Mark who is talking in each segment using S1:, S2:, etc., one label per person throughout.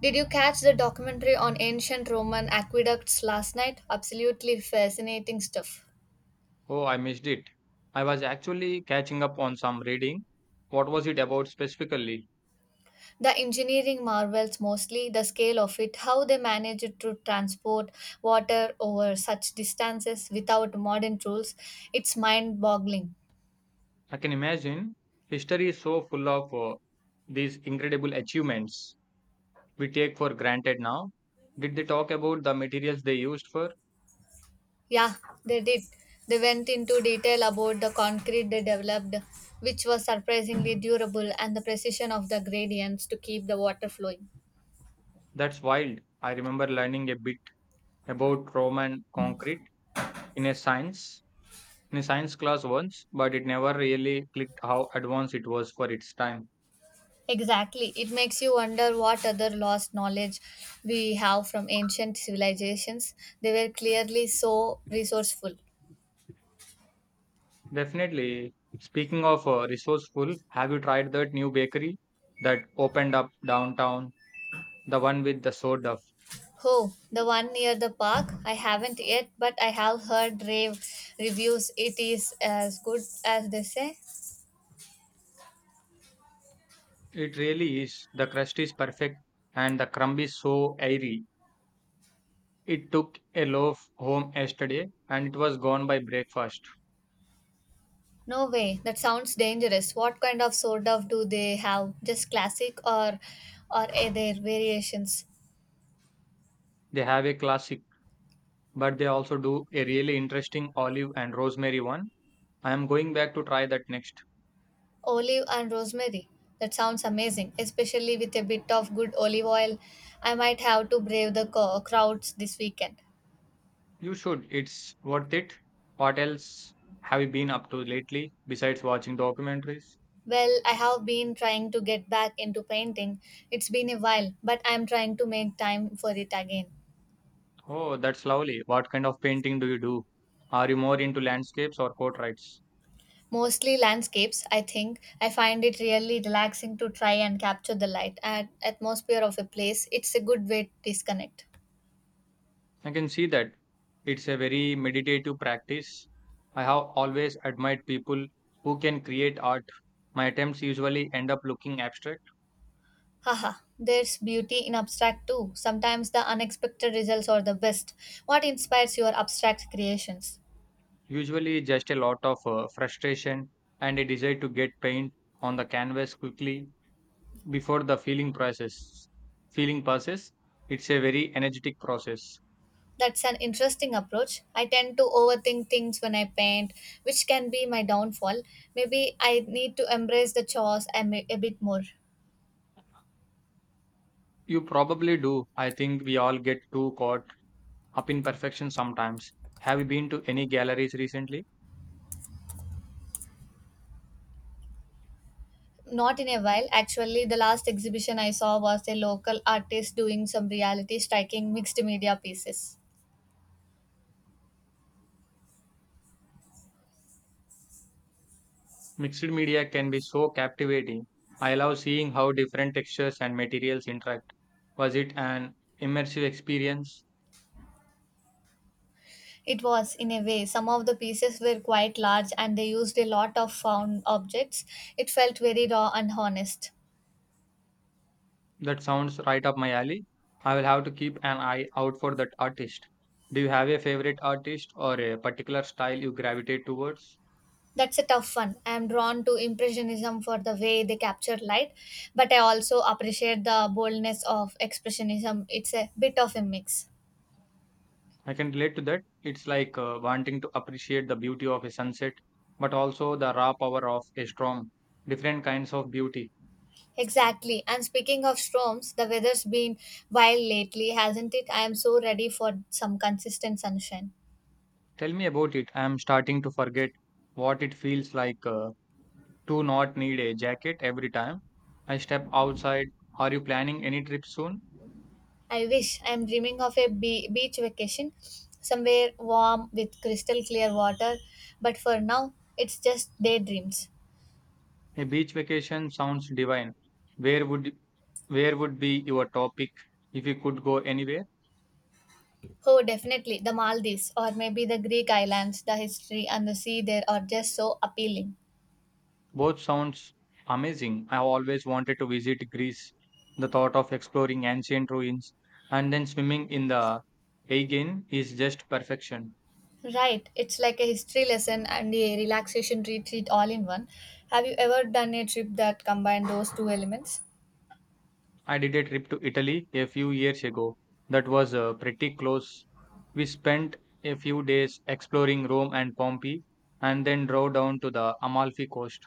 S1: Did you catch the documentary on ancient Roman aqueducts last night? Absolutely fascinating stuff.
S2: Oh, I missed it. I was actually catching up on some reading. What was it about specifically?
S1: The engineering marvels mostly, the scale of it, how they managed to transport water over such distances without modern tools. It's mind boggling.
S2: I can imagine history is so full of these incredible achievements we take for granted now. Did they talk about the materials they used for?
S1: Yeah, they did. They went into detail about the concrete they developed, which was surprisingly durable, and the precision of the gradients to keep the water flowing.
S2: That's wild. I remember learning a bit about Roman concrete in a science in a science class once, but it never really clicked how advanced it was for its time.
S1: Exactly. It makes you wonder what other lost knowledge we have from ancient civilizations. They were clearly so resourceful.
S2: Definitely. Speaking of resourceful, have you tried that new bakery that opened up downtown? The one with the sourdough.
S1: Oh, the one near the park? I haven't yet, but I have heard rave reviews. It is as good as they say.
S2: It really is. The crust is perfect and the crumb is so airy. It took a loaf home yesterday and it was gone by breakfast.
S1: No way. That sounds dangerous. What kind of sword of do they have? Just classic or are there variations?
S2: They have a classic, but they also do a really interesting olive and rosemary one. I am going back to try that next.
S1: Olive and rosemary. That sounds amazing, especially with a bit of good olive oil. I might have to brave the crowds this weekend.
S2: You should. It's worth it. What else have you been up to lately besides watching documentaries?
S1: Well, I have been trying to get back into painting. It's been a while, but I'm trying to make time for it again.
S2: Oh, that's lovely. What kind of painting do you do? Are you more into landscapes or portraits?
S1: Mostly landscapes, I think. I find it really relaxing to try and capture the light and atmosphere of a place. It's a good way to disconnect.
S2: I can see that. It's a very meditative practice. I have always admired people who can create art. My attempts usually end up looking abstract,
S1: Haha, there's beauty in abstract too. Sometimes the unexpected results are the best. What inspires your abstract creations?
S2: usually just a lot of frustration and a desire to get paint on the canvas quickly before the feeling process. Feeling passes. It's a very energetic process.
S1: That's an interesting approach. I tend to overthink things when I paint, which can be my downfall. Maybe I need to embrace the chores a bit more.
S2: You probably do. I think we all get too caught up in perfection sometimes. Have you been to any galleries recently?
S1: Not in a while. Actually, the last exhibition I saw was a local artist doing some reality striking mixed media pieces.
S2: Mixed media can be so captivating. I love seeing how different textures and materials interact. Was it an immersive experience?
S1: It was, in a way. Some of the pieces were quite large and they used a lot of found objects. It felt very raw and honest.
S2: That sounds right up my alley. I will have to keep an eye out for that artist. Do you have a favorite artist or a particular style you gravitate towards?
S1: That's a tough one. I am drawn to Impressionism for the way they capture light, but I also appreciate the boldness of Expressionism. It's a bit of a mix.
S2: I can relate to that. It's like wanting to appreciate the beauty of a sunset, but also the raw power of a storm. Different kinds of beauty.
S1: Exactly. And speaking of storms, the weather's been wild lately, hasn't it? I am so ready for some consistent sunshine.
S2: Tell me about it. I'm starting to forget what it feels like, to not need a jacket every time I step outside. Are you planning any trip soon?
S1: I wish I am dreaming of a beach vacation somewhere warm with crystal clear water, but for now it's just daydreams.
S2: A beach vacation sounds divine. Where would where would be your topic if you could go anywhere?
S1: Oh, definitely the Maldives or maybe the Greek islands, the history and the sea there are just so appealing.
S2: Both sounds amazing. I always wanted to visit Greece. The thought of exploring ancient ruins and then swimming in the Aegean is just perfection.
S1: Right, it's like a history lesson and a relaxation retreat all in one. Have you ever done a trip that combined those two elements?
S2: I did a trip to Italy a few years ago that was pretty close. We spent a few days exploring Rome and Pompeii and then drove down to the Amalfi coast.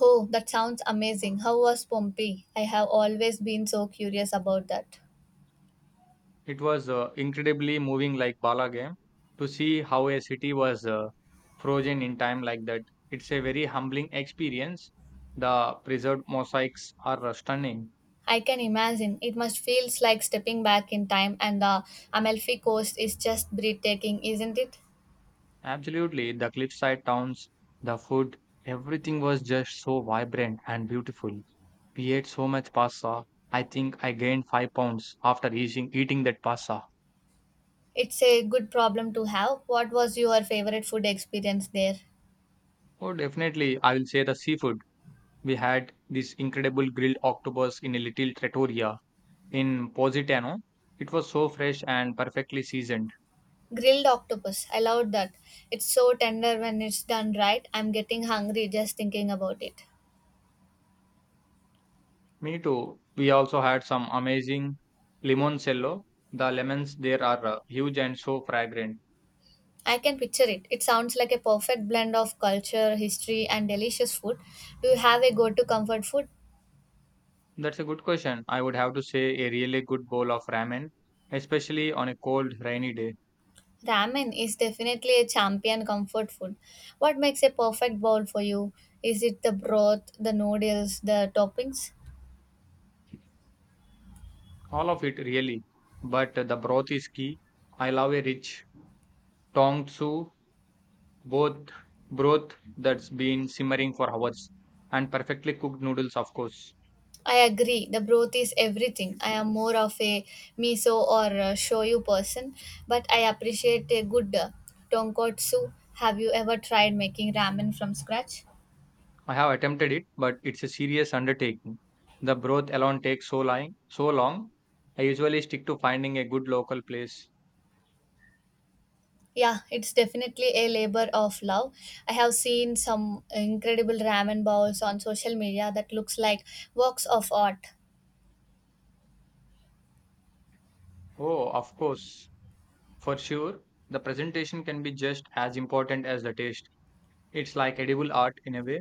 S1: Oh, that sounds amazing. How was Pompeii? I have always been so curious about that.
S2: It was incredibly moving, like Bala game, to see how a city was frozen in time like that. It's a very humbling experience. The preserved mosaics are stunning.
S1: I can imagine. It must feels like stepping back in time, and the Amalfi Coast is just breathtaking, isn't it?
S2: Absolutely, the cliffside towns, the food, everything was just so vibrant and beautiful. We ate so much pasta. I think I gained 5 pounds after eating that pasta.
S1: It's a good problem to have. What was your favorite food experience there?
S2: Oh, definitely, I will say the seafood. We had this incredible grilled octopus in a little trattoria in Positano. It was so fresh and perfectly seasoned.
S1: Grilled octopus. I loved that. It's so tender when it's done right. I'm getting hungry just thinking about it.
S2: Me too. We also had some amazing limoncello. The lemons there are huge and so fragrant.
S1: I can picture it. It sounds like a perfect blend of culture, history, and delicious food. Do you have a go to comfort food?
S2: That's a good question. I would have to say a really good bowl of ramen, especially on a cold, rainy day.
S1: Ramen is definitely a champion comfort food. What makes a perfect bowl for you? Is it the broth, the noodles, the toppings?
S2: All of it, really. But the broth is key. I love a rich tongsu both broth that's been simmering for hours, and perfectly cooked noodles, of course.
S1: I agree, the broth is everything. I am more of a miso or a shoyu person, but I appreciate a good tonkotsu. Have you ever tried making ramen from scratch?
S2: I have attempted it, but it's a serious undertaking. The broth alone takes so long, so long. I usually stick to finding a good local place.
S1: Yeah, it's definitely a labor of love. I have seen some incredible ramen bowls on social media that looks like works of art.
S2: Oh, of course. For sure, the presentation can be just as important as the taste. It's like edible art in a way.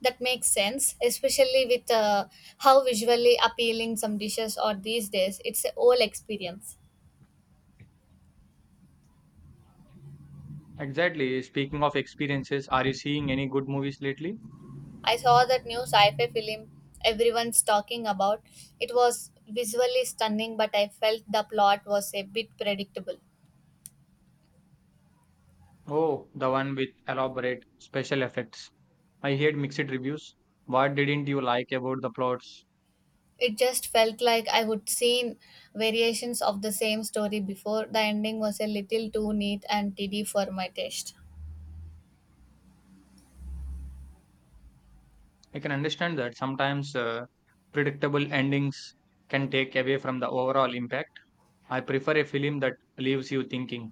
S1: That makes sense, especially with how visually appealing some dishes are these days. It's a whole experience.
S2: Exactly. Speaking of experiences, are you seeing any good movies lately?
S1: I saw that new sci-fi film everyone's talking about. It was visually stunning, but I felt the plot was a bit predictable.
S2: Oh, the one with elaborate special effects. I heard mixed reviews. What didn't you like about the plots?
S1: It just felt like I would seen variations of the same story before. The ending was a little too neat and tidy for my taste.
S2: I can understand that sometimes, predictable endings can take away from the overall impact. I prefer a film that leaves you thinking.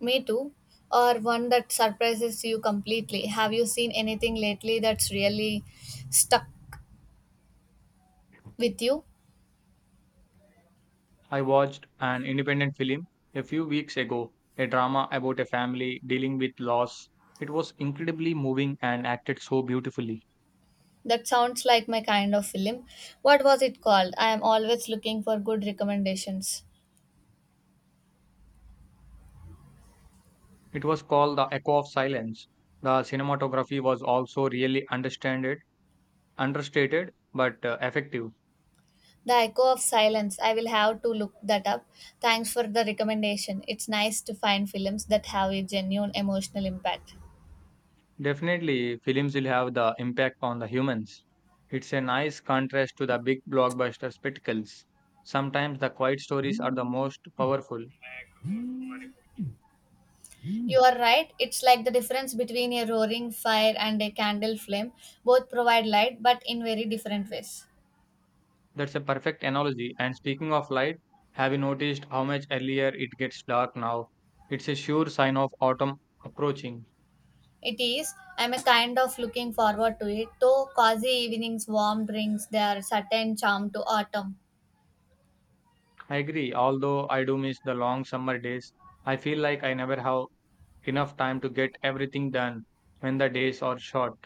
S1: Me too. Or one that surprises you completely. Have you seen anything lately that's really stuck with you?
S2: I watched an independent film a few weeks ago, a drama about a family dealing with loss. It was incredibly moving and acted so beautifully.
S1: That sounds like my kind of film. What was it called? I am always looking for good recommendations.
S2: It was called The Echo of Silence. The cinematography was also really understated but effective.
S1: The Echo of Silence. I will have to look that up. Thanks for the recommendation. It's nice to find films that have a genuine emotional impact.
S2: Definitely, films will have the impact on the humans. It's a nice contrast to the big blockbuster spectacles. Sometimes the quiet stories are the most powerful.
S1: You are right. It's like the difference between a roaring fire and a candle flame. Both provide light, but in very different ways.
S2: That's a perfect analogy. And speaking of light, have you noticed how much earlier it gets dark now? It's a sure sign of autumn approaching.
S1: It is. I'm a kind of looking forward to it, though. Cozy evenings, warm drinks, there are certain charm to autumn.
S2: I agree, although I do miss the long summer days. I feel like I never have enough time to get everything done when the days are short.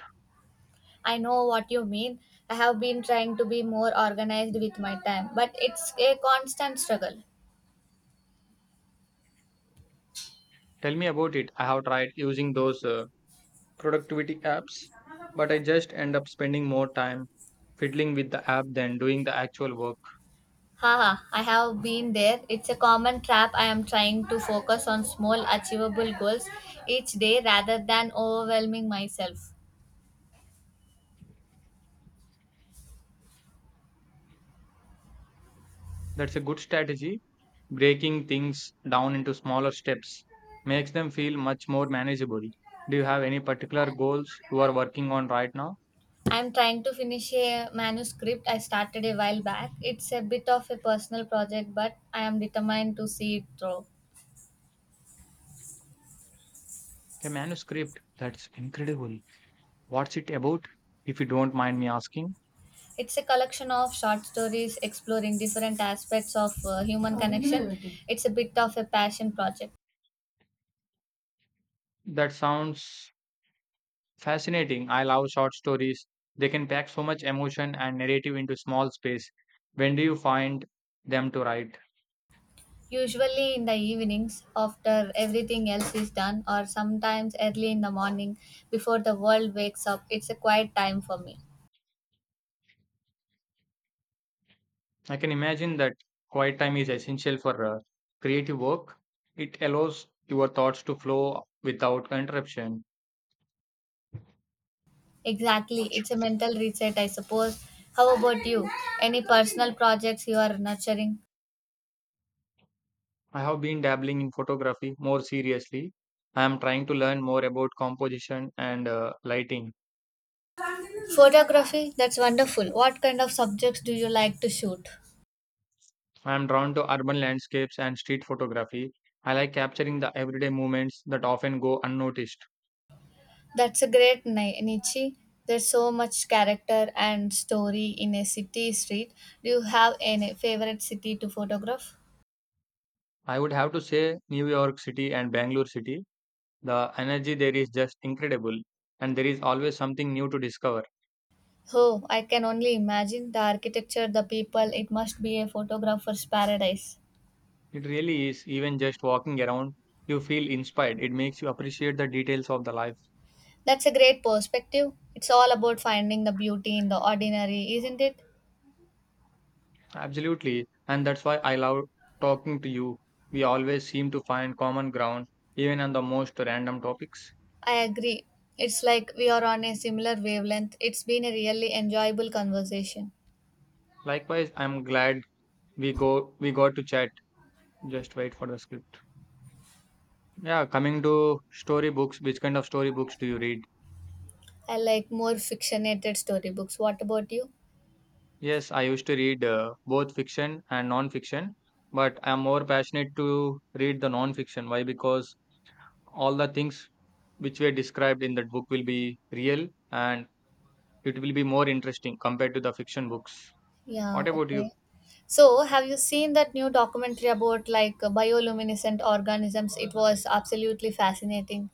S1: I know what you mean. I have been trying to be more organized with my time, but it's a constant struggle.
S2: Tell me about it. I have tried using those, productivity apps, but I just end up spending more time fiddling with the app than doing the actual work.
S1: Haha, I have been there. It's a common trap. I am trying to focus on small, achievable goals each day rather than overwhelming myself.
S2: That's a good strategy. Breaking things down into smaller steps makes them feel much more manageable. Do you have any particular goals you are working on right now?
S1: I'm trying to finish a manuscript I started a while back. It's a bit of a personal project, but I am determined to see it through.
S2: A manuscript. That's incredible. What's it about? If you don't mind me asking.
S1: It's a collection of short stories exploring different aspects of human connection. It's a bit of a passion project.
S2: That sounds fascinating. I love short stories. They can pack so much emotion and narrative into small space. When do you find them to write?
S1: Usually in the evenings, after everything else is done, or sometimes early in the morning before the world wakes up. It's a quiet time for me.
S2: I can imagine that quiet time is essential for creative work. It allows your thoughts to flow without interruption.
S1: Exactly, it's a mental reset, I suppose. How about you? Any personal projects you are nurturing?
S2: I have been dabbling in photography more seriously. I am trying to learn more about composition and, lighting.
S1: Photography, that's wonderful. What kind of subjects do you like to shoot?
S2: I am drawn to urban landscapes and street photography. I like capturing the everyday moments that often go unnoticed.
S1: That's a great niche. There's so much character and story in a city street. Do you have any favorite city to photograph?
S2: I would have to say New York City and Bangalore City. The energy there is just incredible, and there is always something new to discover.
S1: Oh, I can only imagine the architecture, the people. It must be a photographer's paradise.
S2: It really is. Even just walking around, you feel inspired. It makes you appreciate the details of the life.
S1: That's a great perspective. It's all about finding the beauty in the ordinary, isn't it?
S2: Absolutely. And that's why I love talking to you. We always seem to find common ground, even on the most random topics.
S1: I agree. It's like we are on a similar wavelength. It's been a really enjoyable conversation.
S2: Likewise, I'm glad we got to chat. Just wait for the script. Yeah, coming to storybooks, which kind of storybooks do you read?
S1: I like more fictionated storybooks. What about you?
S2: Yes, I used to read both fiction and non-fiction, but I'm more passionate to read the non-fiction. Why? Because all the things which were described in that book will be real and it will be more interesting compared to the fiction books.
S1: Yeah,
S2: What about
S1: okay.
S2: you?
S1: So, have you seen that new documentary about like bioluminescent organisms? It was absolutely fascinating.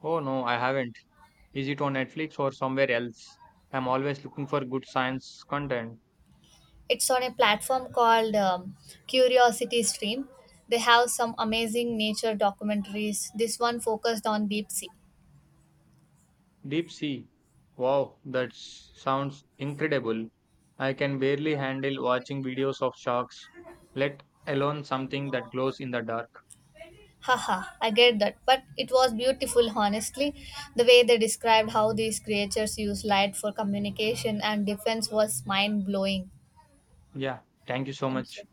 S2: Oh no, I haven't. Is it on Netflix or somewhere else? I'm always looking for good science content.
S1: It's on a platform called Curiosity Stream. They have some amazing nature documentaries. This one focused on deep sea.
S2: Deep Sea. Wow, that sounds incredible. I can barely handle watching videos of sharks, let alone something that glows in the dark.
S1: Haha, I get that. But it was beautiful, honestly. The way they described how these creatures use light for communication and defense was mind blowing.
S2: Yeah, thank you so
S1: Thank you.
S2: much.